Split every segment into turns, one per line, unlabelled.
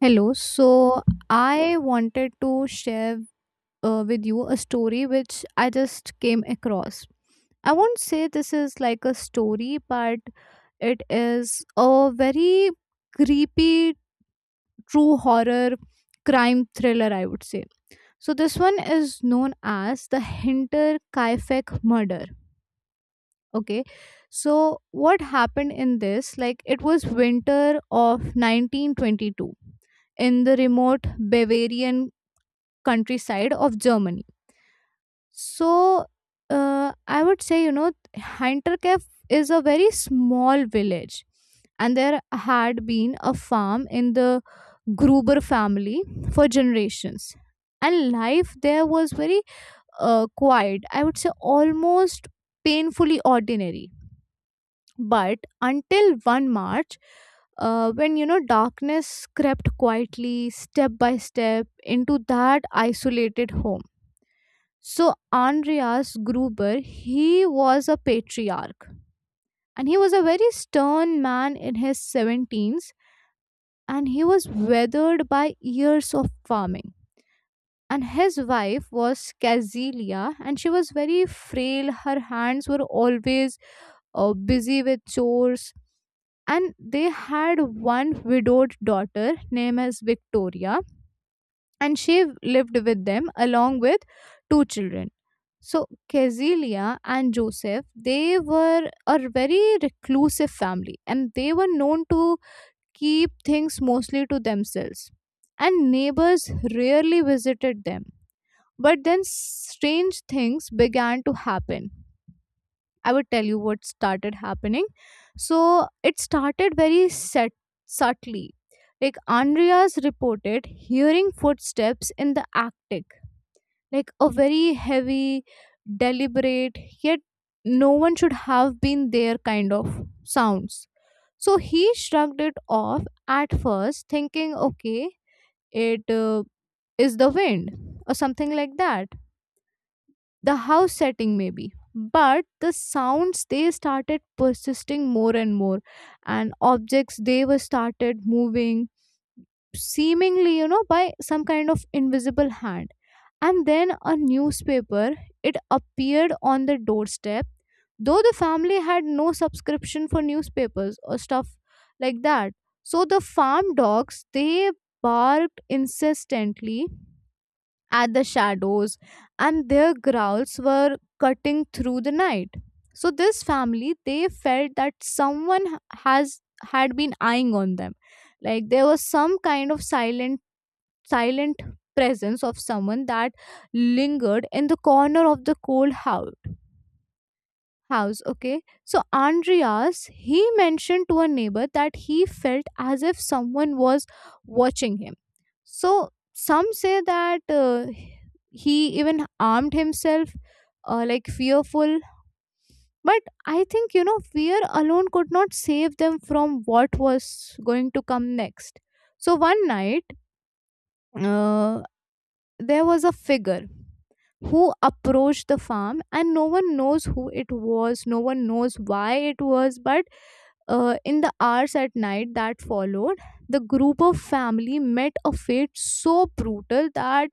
Hello. So I wanted to share with you a story which I just came across. I won't say this is like a story, but it is a very creepy true horror crime thriller, I would say. So this one is known as the Hinter Kaifek murder. Okay. So what happened in this? Like it was winter of 1922 in the remote Bavarian countryside of Germany. So I would say, you know, Hinterkaifeck is a very small village, and there had been a farm in the Gruber family for generations. And life there was very quiet, I would say almost painfully ordinary. But until 1 March, when you know darkness crept quietly, step by step, into that isolated home. So Andreas Gruber, he was a patriarch, and he was a very stern man in his 17s, and he was weathered by years of farming. And his wife was Casilia, and she was very frail. Her hands were always busy with chores. And they had one widowed daughter named as Victoria, and she lived with them along with two children. So Cassilia and Joseph, they were a very reclusive family, and they were known to keep things mostly to themselves. And neighbors rarely visited them. But then strange things began to happen. I would tell you what started happening. So it started very subtly. Like Andreas reported hearing footsteps in the attic, like a very heavy, deliberate, yet no one should have been there kind of sounds. So he shrugged it off at first thinking, okay, it is the wind or something like that, the house setting maybe. But the sounds, they started persisting more and more, and objects, they were started moving, seemingly, you know, by some kind of invisible hand. And then a newspaper, it appeared on the doorstep, though the family had no subscription for newspapers or stuff like that. So the farm dogs, they barked insistently at the shadows, and their growls were cutting through the night. So this family, they felt that someone h- has had been eyeing on them. Like there was some kind of silent presence of someone that lingered in the corner of the cold house. Okay, so Andreas, he mentioned to a neighbor that he felt as if someone was watching him. So some say that he even armed himself, like fearful. But I think, you know, fear alone could not save them from what was going to come next. So one night, uh, there was a figure who approached the farm, and no one knows who it was, no one knows why it was. But in the hours at night that followed, the group of family met a fate so brutal that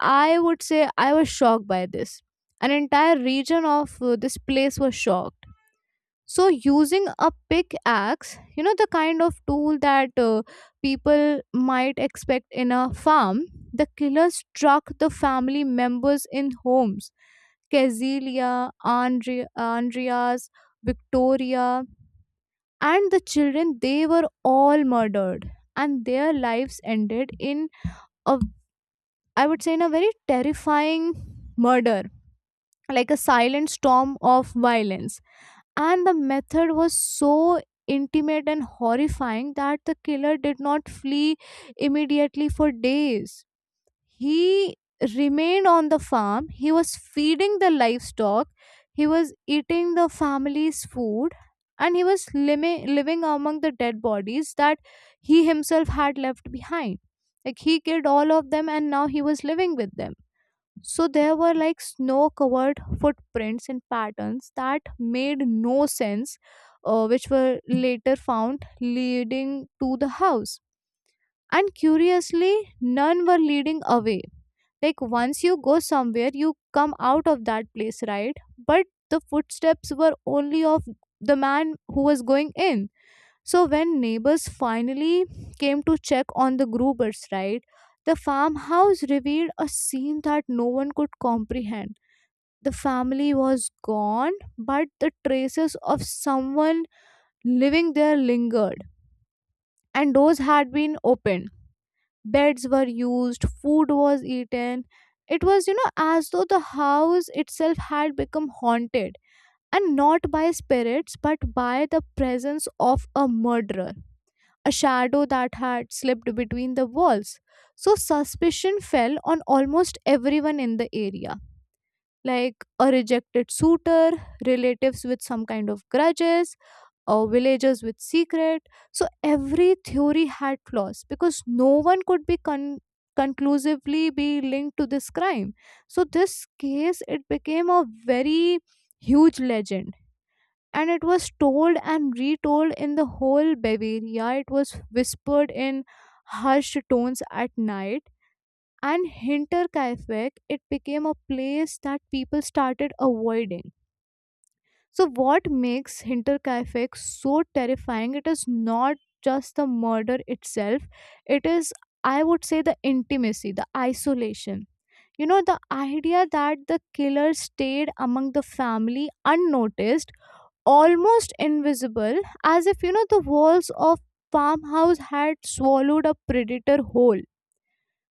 I would say I was shocked by this. An entire region of this place was shocked. So, using a pickaxe, you know, the kind of tool that people might expect in a farm, the killer struck the family members in homes. Cazilia, Andrea, Andreas, Victoria, and the children, they were all murdered. And their lives ended in a, I would say, in a very terrifying murder, like a silent storm of violence. And the method was so intimate and horrifying that the killer did not flee immediately for days. He remained on the farm, he was feeding the livestock, he was eating the family's food, and he was living among the dead bodies that he himself had left behind. Like he killed all of them, and now he was living with them. So there were like snow covered footprints and patterns that made no sense, which were later found leading to the house. And curiously, none were leading away. Like once you go somewhere, you come out of that place, right? But the footsteps were only of the man who was going in. So when neighbors finally came to check on the Grubers, right? The farmhouse revealed a scene that no one could comprehend. The family was gone, but the traces of someone living there lingered, and doors had been opened. Beds were used, food was eaten. It was, you know, as though the house itself had become haunted, and not by spirits, but by the presence of a murderer, a shadow that had slipped between the walls. So suspicion fell on almost everyone in the area, like a rejected suitor, relatives with some kind of grudges, or villagers with secret. So every theory had flaws because no one could conclusively be linked to this crime. So this case, it became a very huge legend, and it was told and retold in the whole Bavaria. It was whispered in hushed tones at night, and Hinterkaifeck, it became a place that people started avoiding. So what makes Hinterkaifeck so terrifying, it is not just the murder itself, it is, I would say, the intimacy, the isolation, you know, the idea that the killer stayed among the family unnoticed, almost invisible, as if, you know, the walls of farmhouse had swallowed a predator whole.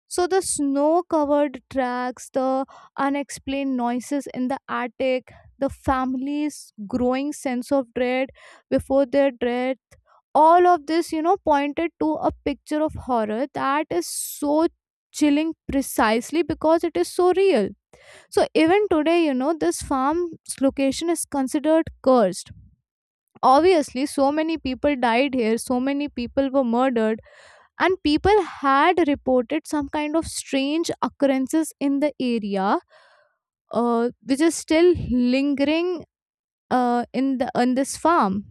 So the snow covered tracks, the unexplained noises in the attic, the family's growing sense of dread before their death, all of this, you know, pointed to a picture of horror that is so chilling precisely because it is so real. So even today, you know, this farm's location is considered cursed. Obviously, so many people died here, so many people were murdered, and people had reported some kind of strange occurrences in the area, which is still lingering in the on this farm.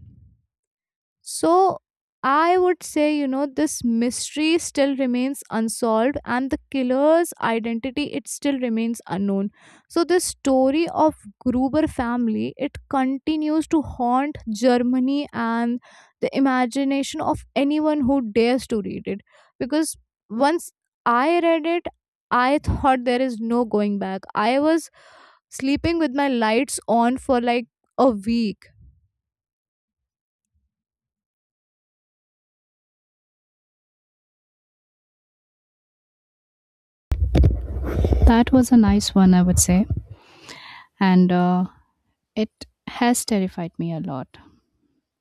So I would say, you know, this mystery still remains unsolved, and the killer's identity, it still remains unknown. So the story of Gruber family, it continues to haunt Germany and the imagination of anyone who dares to read it, because once I read it, I thought there is no going back. I was sleeping with my lights on for like a week.
That was a nice one, I would say. And it has terrified me a lot.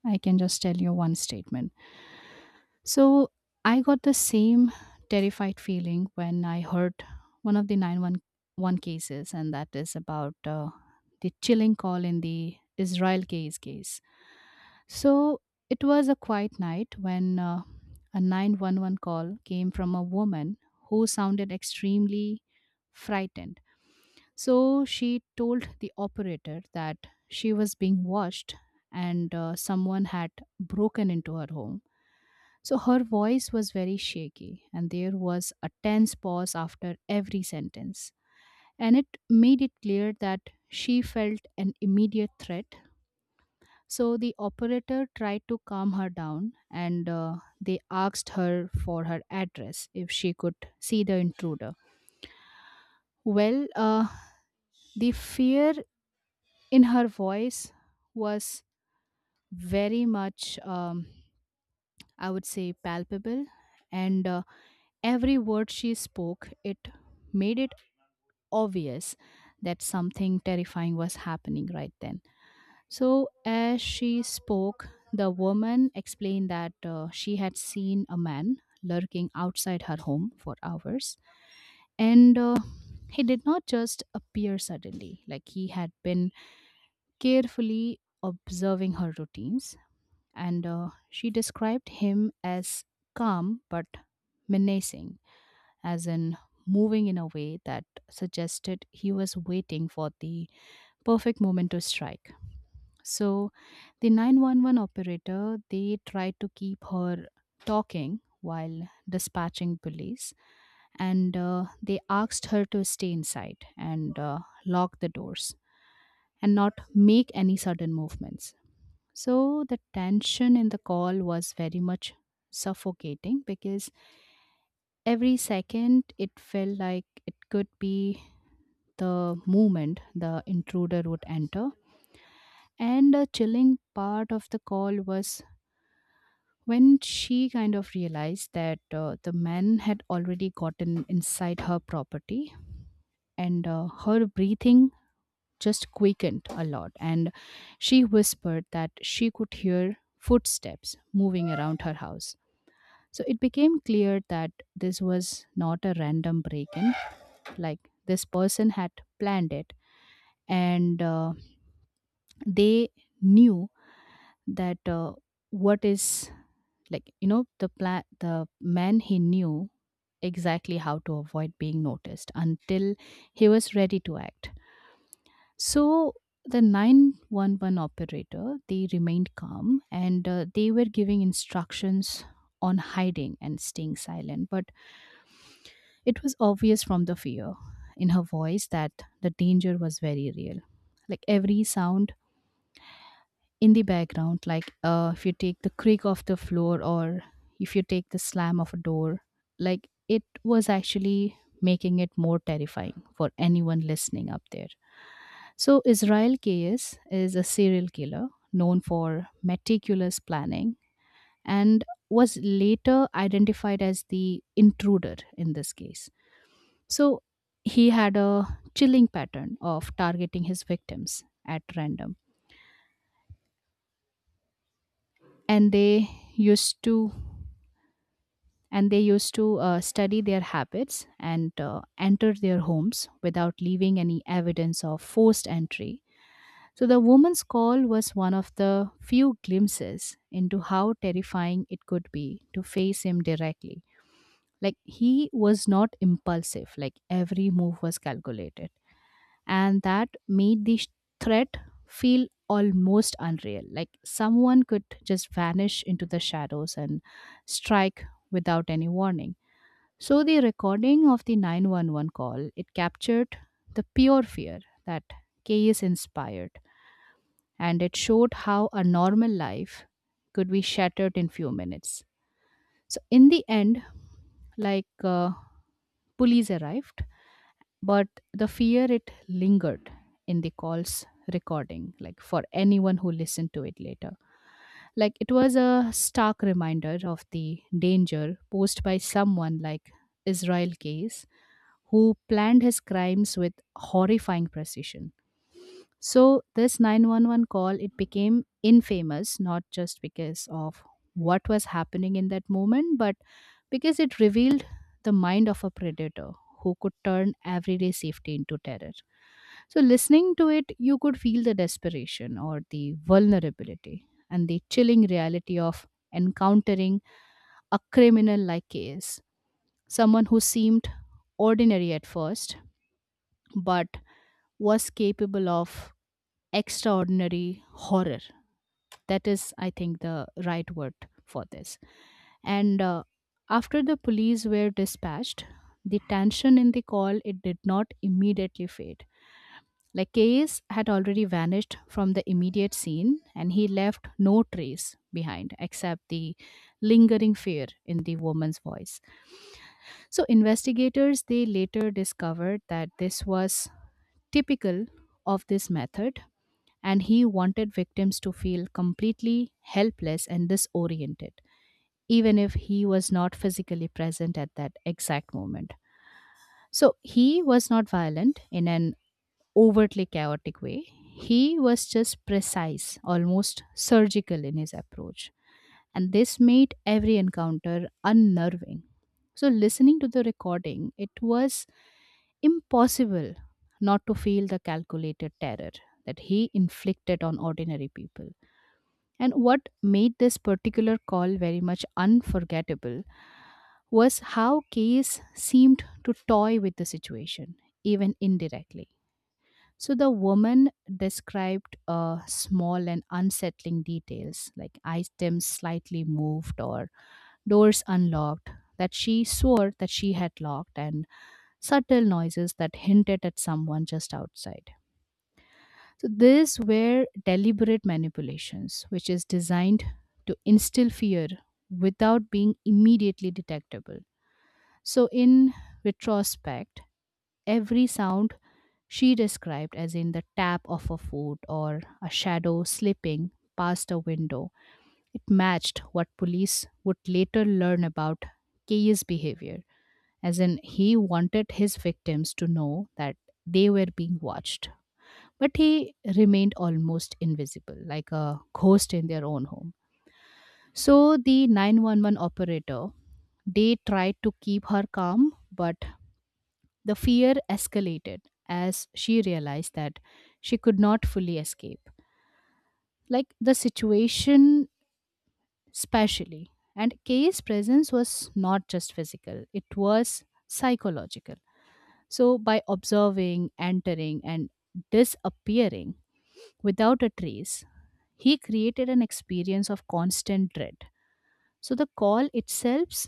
I can just tell you one statement. So I got the same terrified feeling when I heard one of the 911 cases, and that is about the chilling call in the Israel case case. So it was a quiet night when a 911 call came from a woman who sounded extremely frightened. So she told the operator that she was being watched, and someone had broken into her home. So her voice was very shaky, and there was a tense pause after every sentence. And it made it clear that she felt an immediate threat. So the operator tried to calm her down, and they asked her for her address, if she could see the intruder. Well, uh, the fear in her voice was very much, I would say, palpable. And Every word she spoke, it made it obvious that something terrifying was happening right then. So, as she spoke, the woman explained that she had seen a man lurking outside her home for hours. And He did not just appear suddenly, like he had been carefully observing her routines, and she described him as calm but menacing, as in moving in a way that suggested he was waiting for the perfect moment to strike. So, the 911 operator, they tried to keep her talking while dispatching police, and they asked her to stay inside and lock the doors and not make any sudden movements. So the tension in the call was very much suffocating, because every second it felt like it could be the moment the intruder would enter. And the chilling part of the call was when she kind of realized that the man had already gotten inside her property, and her breathing just quickened a lot. And she whispered that she could hear footsteps moving around her house. So it became clear that this was not a random break in, like this person had planned it, and they knew that what is like you know the plan the man, he knew exactly how to avoid being noticed until he was ready to act. So the 911 operator, they remained calm, and they were giving instructions on hiding and staying silent, but it was obvious from the fear in her voice that the danger was very real. Like every sound in the background, like if you take the creak of the floor or if you take the slam of a door, like it was actually making it more terrifying for anyone listening up there. So, Israel Keyes is a serial killer known for meticulous planning, and was later identified as the intruder in this case. So he had a chilling pattern of targeting his victims at random, and they used to and they used to study their habits and enter their homes without leaving any evidence of forced entry. So the woman's call was one of the few glimpses into how terrifying it could be to face him directly. Like he was not impulsive, like every move was calculated, and that made the threat feel almost unreal, like someone could just vanish into the shadows and strike without any warning. So the recording of the 911 call, it captured the pure fear that chaos inspired, and it showed how a normal life could be shattered in few minutes. So in the end, like uh, police arrived, but the fear, it lingered in the call's recording, like for anyone who listened to it later. Like it was a stark reminder of the danger posed by someone like Israel case, who planned his crimes with horrifying precision. So this 911 call, it became infamous, not just because of what was happening in that moment, but because it revealed the mind of a predator who could turn everyday safety into terror. So listening to it, you could feel the desperation or the vulnerability and the chilling reality of encountering a criminal like case, someone who seemed ordinary at first but was capable of extraordinary horror. That is, I think, the right word for this. And After the police were dispatched, the tension in the call, it did not immediately fade. Like Case had already vanished from the immediate scene, and he left no trace behind except the lingering fear in the woman's voice. So investigators, they later discovered that this was typical of this method, and he wanted victims to feel completely helpless and disoriented, even if he was not physically present at that exact moment. So he was not violent in an overtly chaotic way. He was just precise, almost surgical in his approach. And this made every encounter unnerving. So, listening to the recording, it was impossible not to feel the calculated terror that he inflicted on ordinary people. And what made this particular call very much unforgettable was how Case seemed to toy with the situation, even indirectly. So the woman described small and unsettling details, like items slightly moved or doors unlocked that she swore that she had locked, and subtle noises that hinted at someone just outside. So these were deliberate manipulations, which is designed to instill fear without being immediately detectable. So in retrospect, every sound she described, as in the tap of a foot or a shadow slipping past a window, it matched what police would later learn about K's behavior, as in he wanted his victims to know that they were being watched, but he remained almost invisible, like a ghost in their own home. So the 911 operator, they tried to keep her calm, but the fear escalated as she realized that she could not fully escape. Like the situation, specially. And Kay's presence was not just physical, it was psychological. So, by observing, entering, and disappearing without a trace, he created an experience of constant dread. So the call itself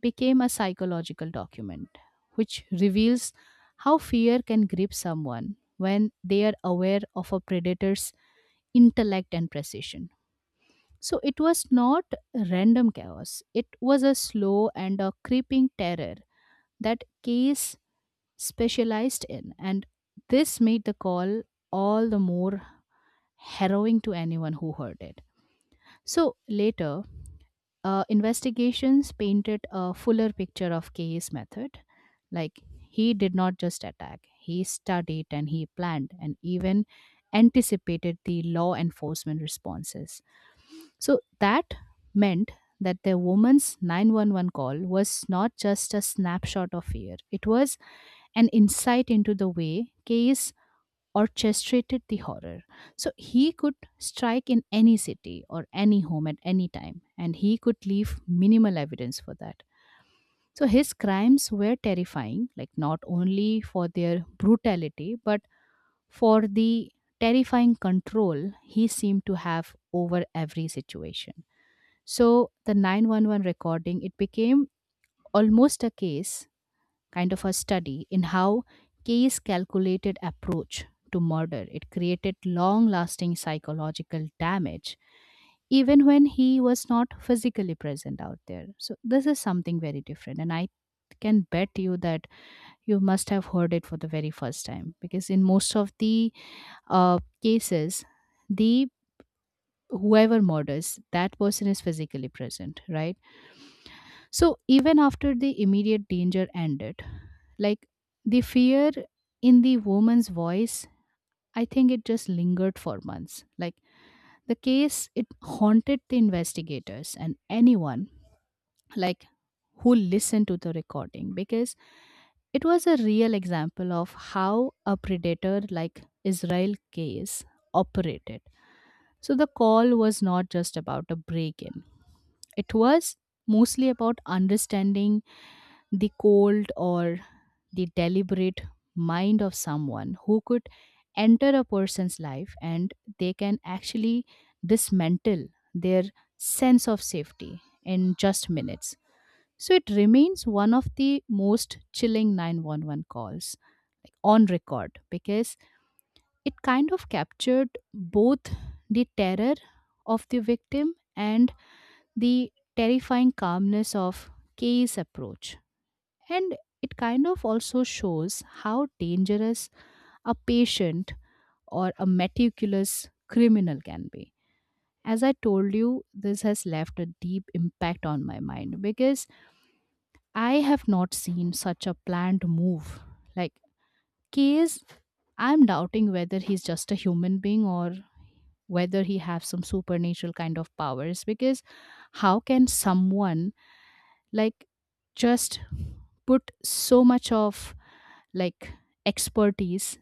became a psychological document, which reveals how fear can grip someone when they are aware of a predator's intellect and precision. So it was not random chaos, it was a slow and a creeping terror that Case specialized in, and this made the call all the more harrowing to anyone who heard it. So later, investigations painted a fuller picture of K's method. Like he did not just attack; he studied and he planned and even anticipated the law enforcement responses. So that meant that the woman's 911 call was not just a snapshot of fear; it was an insight into the way K's orchestrated the horror. So he could strike in any city or any home at any time, and he could leave minimal evidence for that. So his crimes were terrifying, like not only for their brutality, but for the terrifying control he seemed to have over every situation. So the 911 recording, it became almost a case, kind of a study in how case calculated approach to murder, it created long lasting psychological damage even when he was not physically present out there. So this is something very different, and I can bet you that you must have heard it for the very first time, because in most of the cases, the whoever murders that person is physically present, right? So even after the immediate danger ended, like the fear in the woman's voice, I think it just lingered for months. Like the case, it haunted the investigators and anyone like who listened to the recording, because it was a real example of how a predator like Israel case operated. So the call was not just about a break in, it was mostly about understanding the cold or the deliberate mind of someone who could enter a person's life, and they can actually dismantle their sense of safety in just minutes. So it remains one of the most chilling 911 calls, like, on record, because it kind of captured both the terror of the victim and the terrifying calmness of Kay's approach. And it kind of also shows how dangerous a patient or a meticulous criminal can be. As I told you, this has left a deep impact on my mind because I have not seen such a planned move. Like, Kay is I'm doubting whether he's just a human being or whether he have some supernatural kind of powers. Because how can someone, like just put so much of like expertise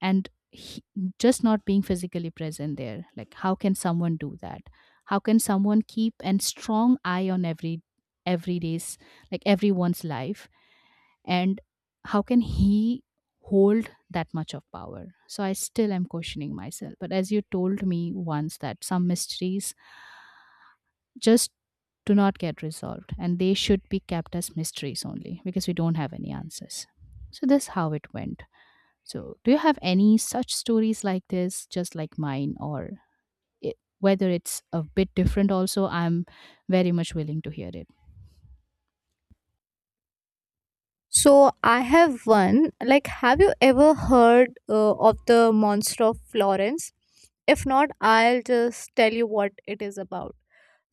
and just not being physically present there, like how can someone do that? How can someone keep and strong eye on every day's, like everyone's life, and how can he hold that much of power? So I still am questioning myself, but as you told me once that some mysteries just do not get resolved and they should be kept as mysteries only because we don't have any answers. So this how it went. So do you have any such stories like this, just like mine, or whether it's a bit different? Also I'm very much willing to hear it.
So I have one. Like, have you ever heard of the Monster of Florence? If not, I'll just tell you what it is about.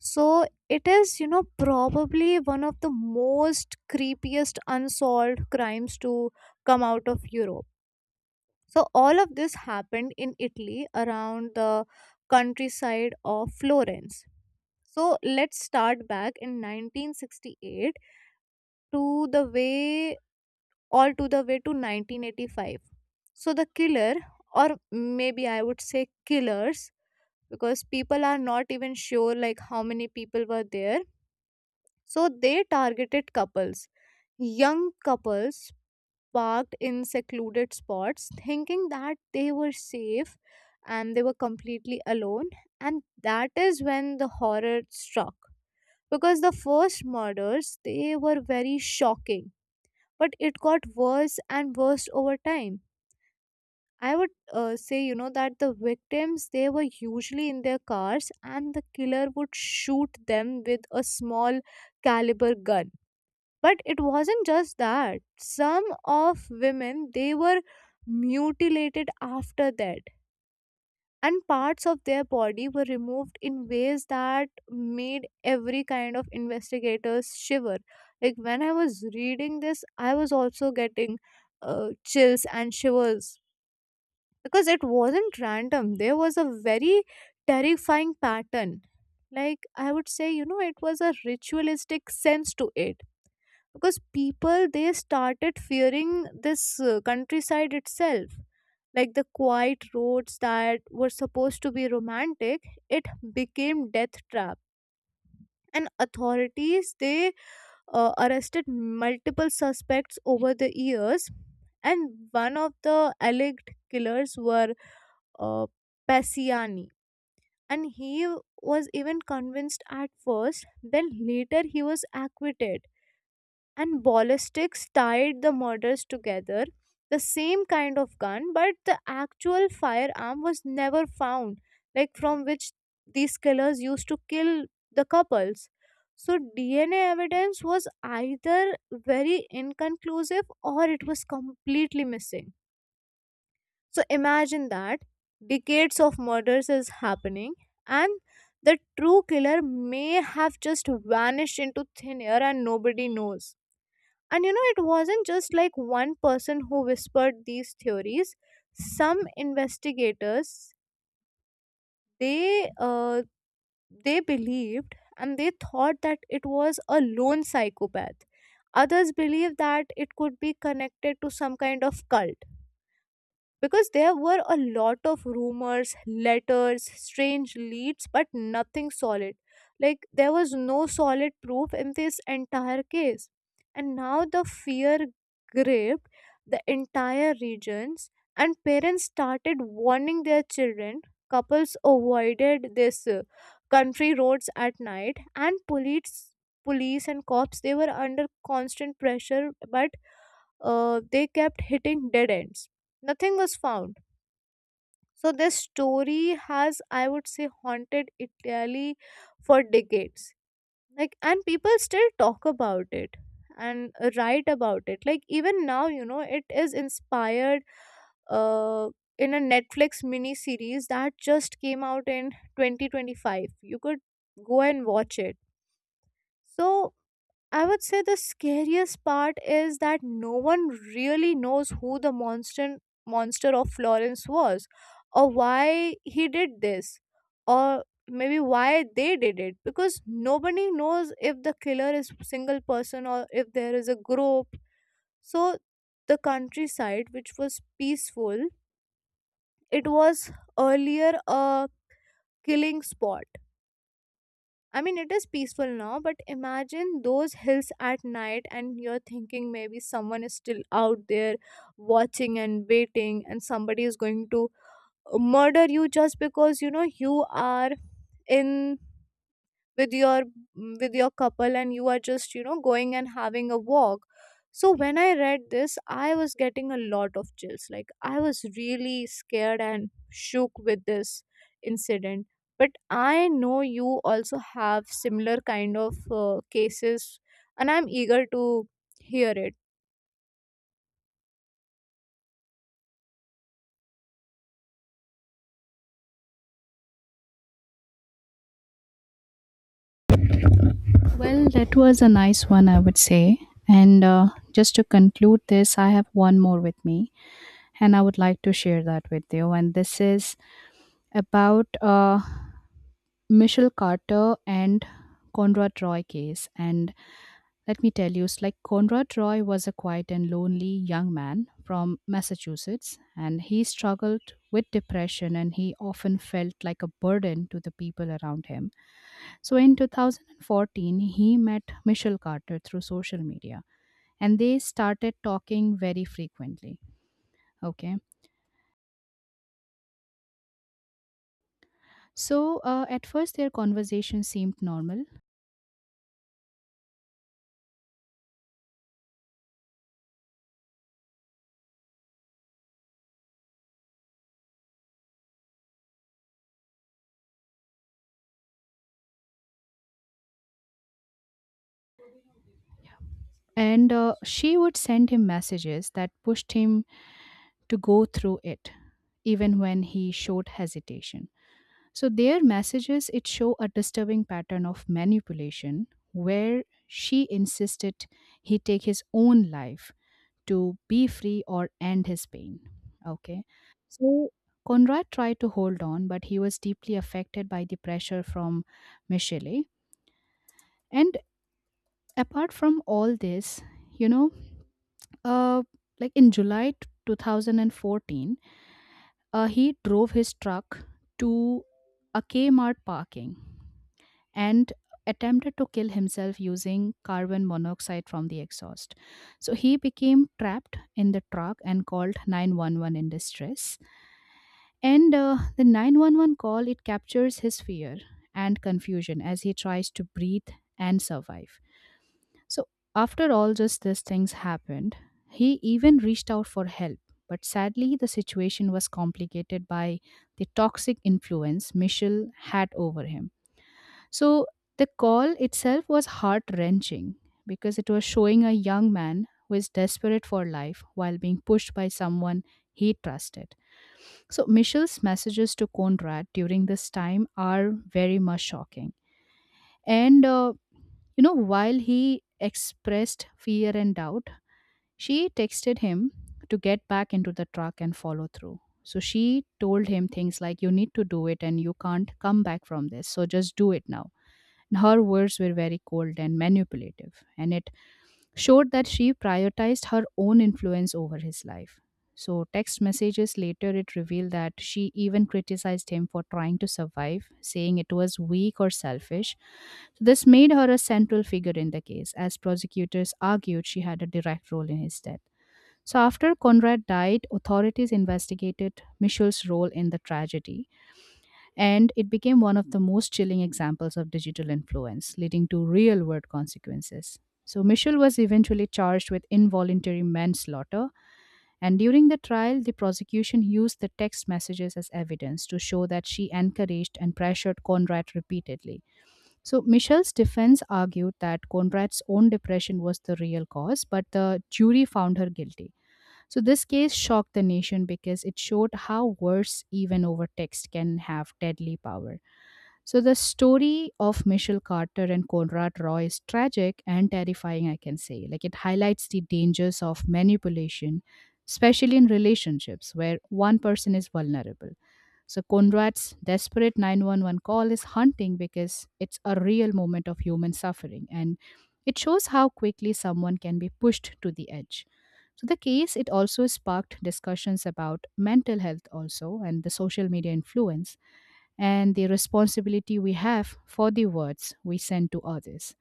So it is, you know, probably one of the most creepiest unsolved crimes to come out of Europe. So all of this happened in Italy around the countryside of Florence. So let's start back in 1968 to the way all to the way to 1985. So the killer, or maybe I would say killers, because people are not even sure like how many people were there. So they targeted couples, young couples parked in secluded spots, thinking that they were safe and they were completely alone. And that is when the horror struck. Because the first murders, they were very shocking, but it got worse and worse over time. I would say, you know, that the victims, they were usually in their cars, and the killer would shoot them with a small caliber gun. But it wasn't just that. Some of women, they were mutilated after that, and parts of their body were removed in ways that made every kind of investigators shiver. Like when I was reading this, I was also getting chills and shivers, because it wasn't random. There was a very terrifying pattern, like I would say, you know, it was a ritualistic sense to it, because people, they started fearing this countryside itself, like the quiet roads that were supposed to be romantic, it became death trap. And authorities, they arrested multiple suspects over the years, and one of the alleged killers were uh, Passiani, and he was even convinced at first. Then later he was acquitted, and ballistics tied the murders together. The same kind of gun, but the actual firearm was never found, like from which these killers used to kill the couples. So, DNA evidence was either very inconclusive or it was completely missing. So, imagine that decades of murders is happening, and the true killer may have just vanished into thin air and nobody knows. And you know, it wasn't just like one person who whispered these theories. Some investigators, they uh, they believed and they thought that it was a lone psychopath. Others believed that it could be connected to some kind of cult, because there were a lot of rumors, letters, strange leads, but nothing solid. Like there was no solid proof in this entire case. And now the fear gripped the entire regions, and parents started warning their children. Couples avoided this country roads at night, and police and cops, they were under constant pressure, but they kept hitting dead ends, nothing was found. So this story has, I would say, haunted Italy for decades. Like, and people still talk about it and write about it. Like even now, you know, it is inspired uh, in a Netflix mini series that just came out in 2025. You could go and watch it. So I would say the scariest part is that no one really knows who the monster of Florence was, or why he did this, or maybe why they did it, because nobody knows if the killer is single person or if there is a group. So the countryside which was peaceful, it was earlier a killing spot. I mean, it is peaceful now, but imagine those hills at night, and you're thinking maybe someone is still out there watching and waiting, and somebody is going to murder you just because you know you are in with your couple and you are just, you know, going and having a walk. So when I read this, I was getting a lot of chills. Like I was really scared and shook with this incident. But I know you also have similar kind of cases, and I'm eager to hear it.
Well, that was a nice one, I would say. And just to conclude this, I have one more with me, and I would like to share that with you. And this is about Michelle Carter and Conrad Roy case. And let me tell you, it's like Conrad Roy was a quiet and lonely young man from Massachusetts, and he struggled with depression, and he often felt like a burden to the people around him. So in 2014, he met Michelle Carter through social media and they started talking very frequently. Okay. So at first, their conversation seemed normal, and she would send him messages that pushed him to go through it, even when he showed hesitation. So their messages it show a disturbing pattern of manipulation where she insisted he take his own life to be free or end his pain. Okay. So Conrad tried to hold on, but he was deeply affected by the pressure from Michele. And apart from all this, you know, uh, like in 2014, he drove his truck to a Kmart parking and attempted to kill himself using carbon monoxide from the exhaust. So he became trapped in the truck and called 911 in distress. And the 911 call it captures his fear and confusion as he tries to breathe and survive. So after all just these things happened, he even reached out for help. But sadly, the situation was complicated by the toxic influence Michelle had over him. So the call itself was heart wrenching because it was showing a young man who is desperate for life while being pushed by someone he trusted. So Michelle's messages to Conrad during this time are very much shocking. And, you know, while he expressed fear and doubt, she texted him to get back into the truck and follow through. So she told him things like, "You need to do it and you can't come back from this. So just do it now." Her words were very cold and manipulative, and it showed that she prioritized her own influence over his life. So, text messages later it revealed that she even criticized him for trying to survive, saying it was weak or selfish. So, this made her a central figure in the case, as prosecutors argued she had a direct role in his death. So, after Conrad died, authorities investigated Michelle's role in the tragedy, and it became one of the most chilling examples of digital influence, leading to real world consequences. So, Michel was eventually charged with involuntary manslaughter, and during the trial, the prosecution used the text messages as evidence to show that she encouraged and pressured Conrad repeatedly. So, Michel's defense argued that Conrad's own depression was the real cause, but the jury found her guilty. So, this case shocked the nation because it showed how words, even over text, can have deadly power. So the story of Michelle Carter and Conrad Roy is tragic and terrifying, I can say. Like it highlights the dangers of manipulation, especially in relationships where one person is vulnerable. So Conrad's desperate 911 call is haunting because it's a real moment of human suffering and it shows how quickly someone can be pushed to the edge. So the case it also sparked discussions about mental health also and the social media influence and the responsibility we have for the words we send to others.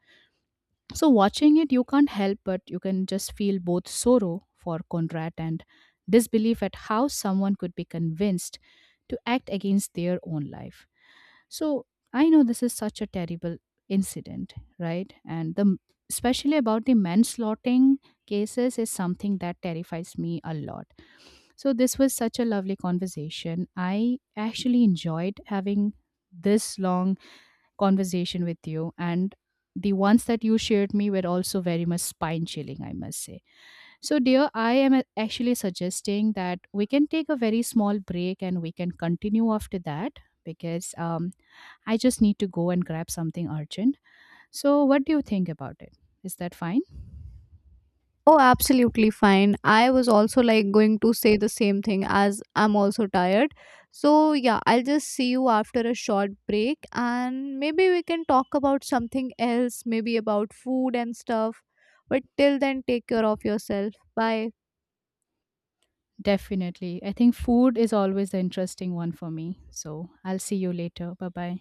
So, watching it, you can't help but you can just feel both sorrow for Conrad and disbelief at how someone could be convinced to act against their own life. So, I know this is such a terrible incident, right? And the especially about the manslaughtering cases is something that terrifies me a lot. So, this was such a lovely conversation. I actually enjoyed having this long conversation with you, and the ones that you shared me were also very much spine chilling, I must say. So dear, I am actually suggesting that we can take a very small break and we can continue after that because I just need to go and grab something urgent. So what do you think about it? Is that fine?
Oh, absolutely fine. I was also like going to say the same thing as I'm also tired. So, yeah, I'll just see you after a short break, and maybe we can talk about something else, maybe about food and stuff. But till then, take care of yourself. Bye.
Definitely, I think food is always the interesting one for me. So I'll see you later. Bye bye.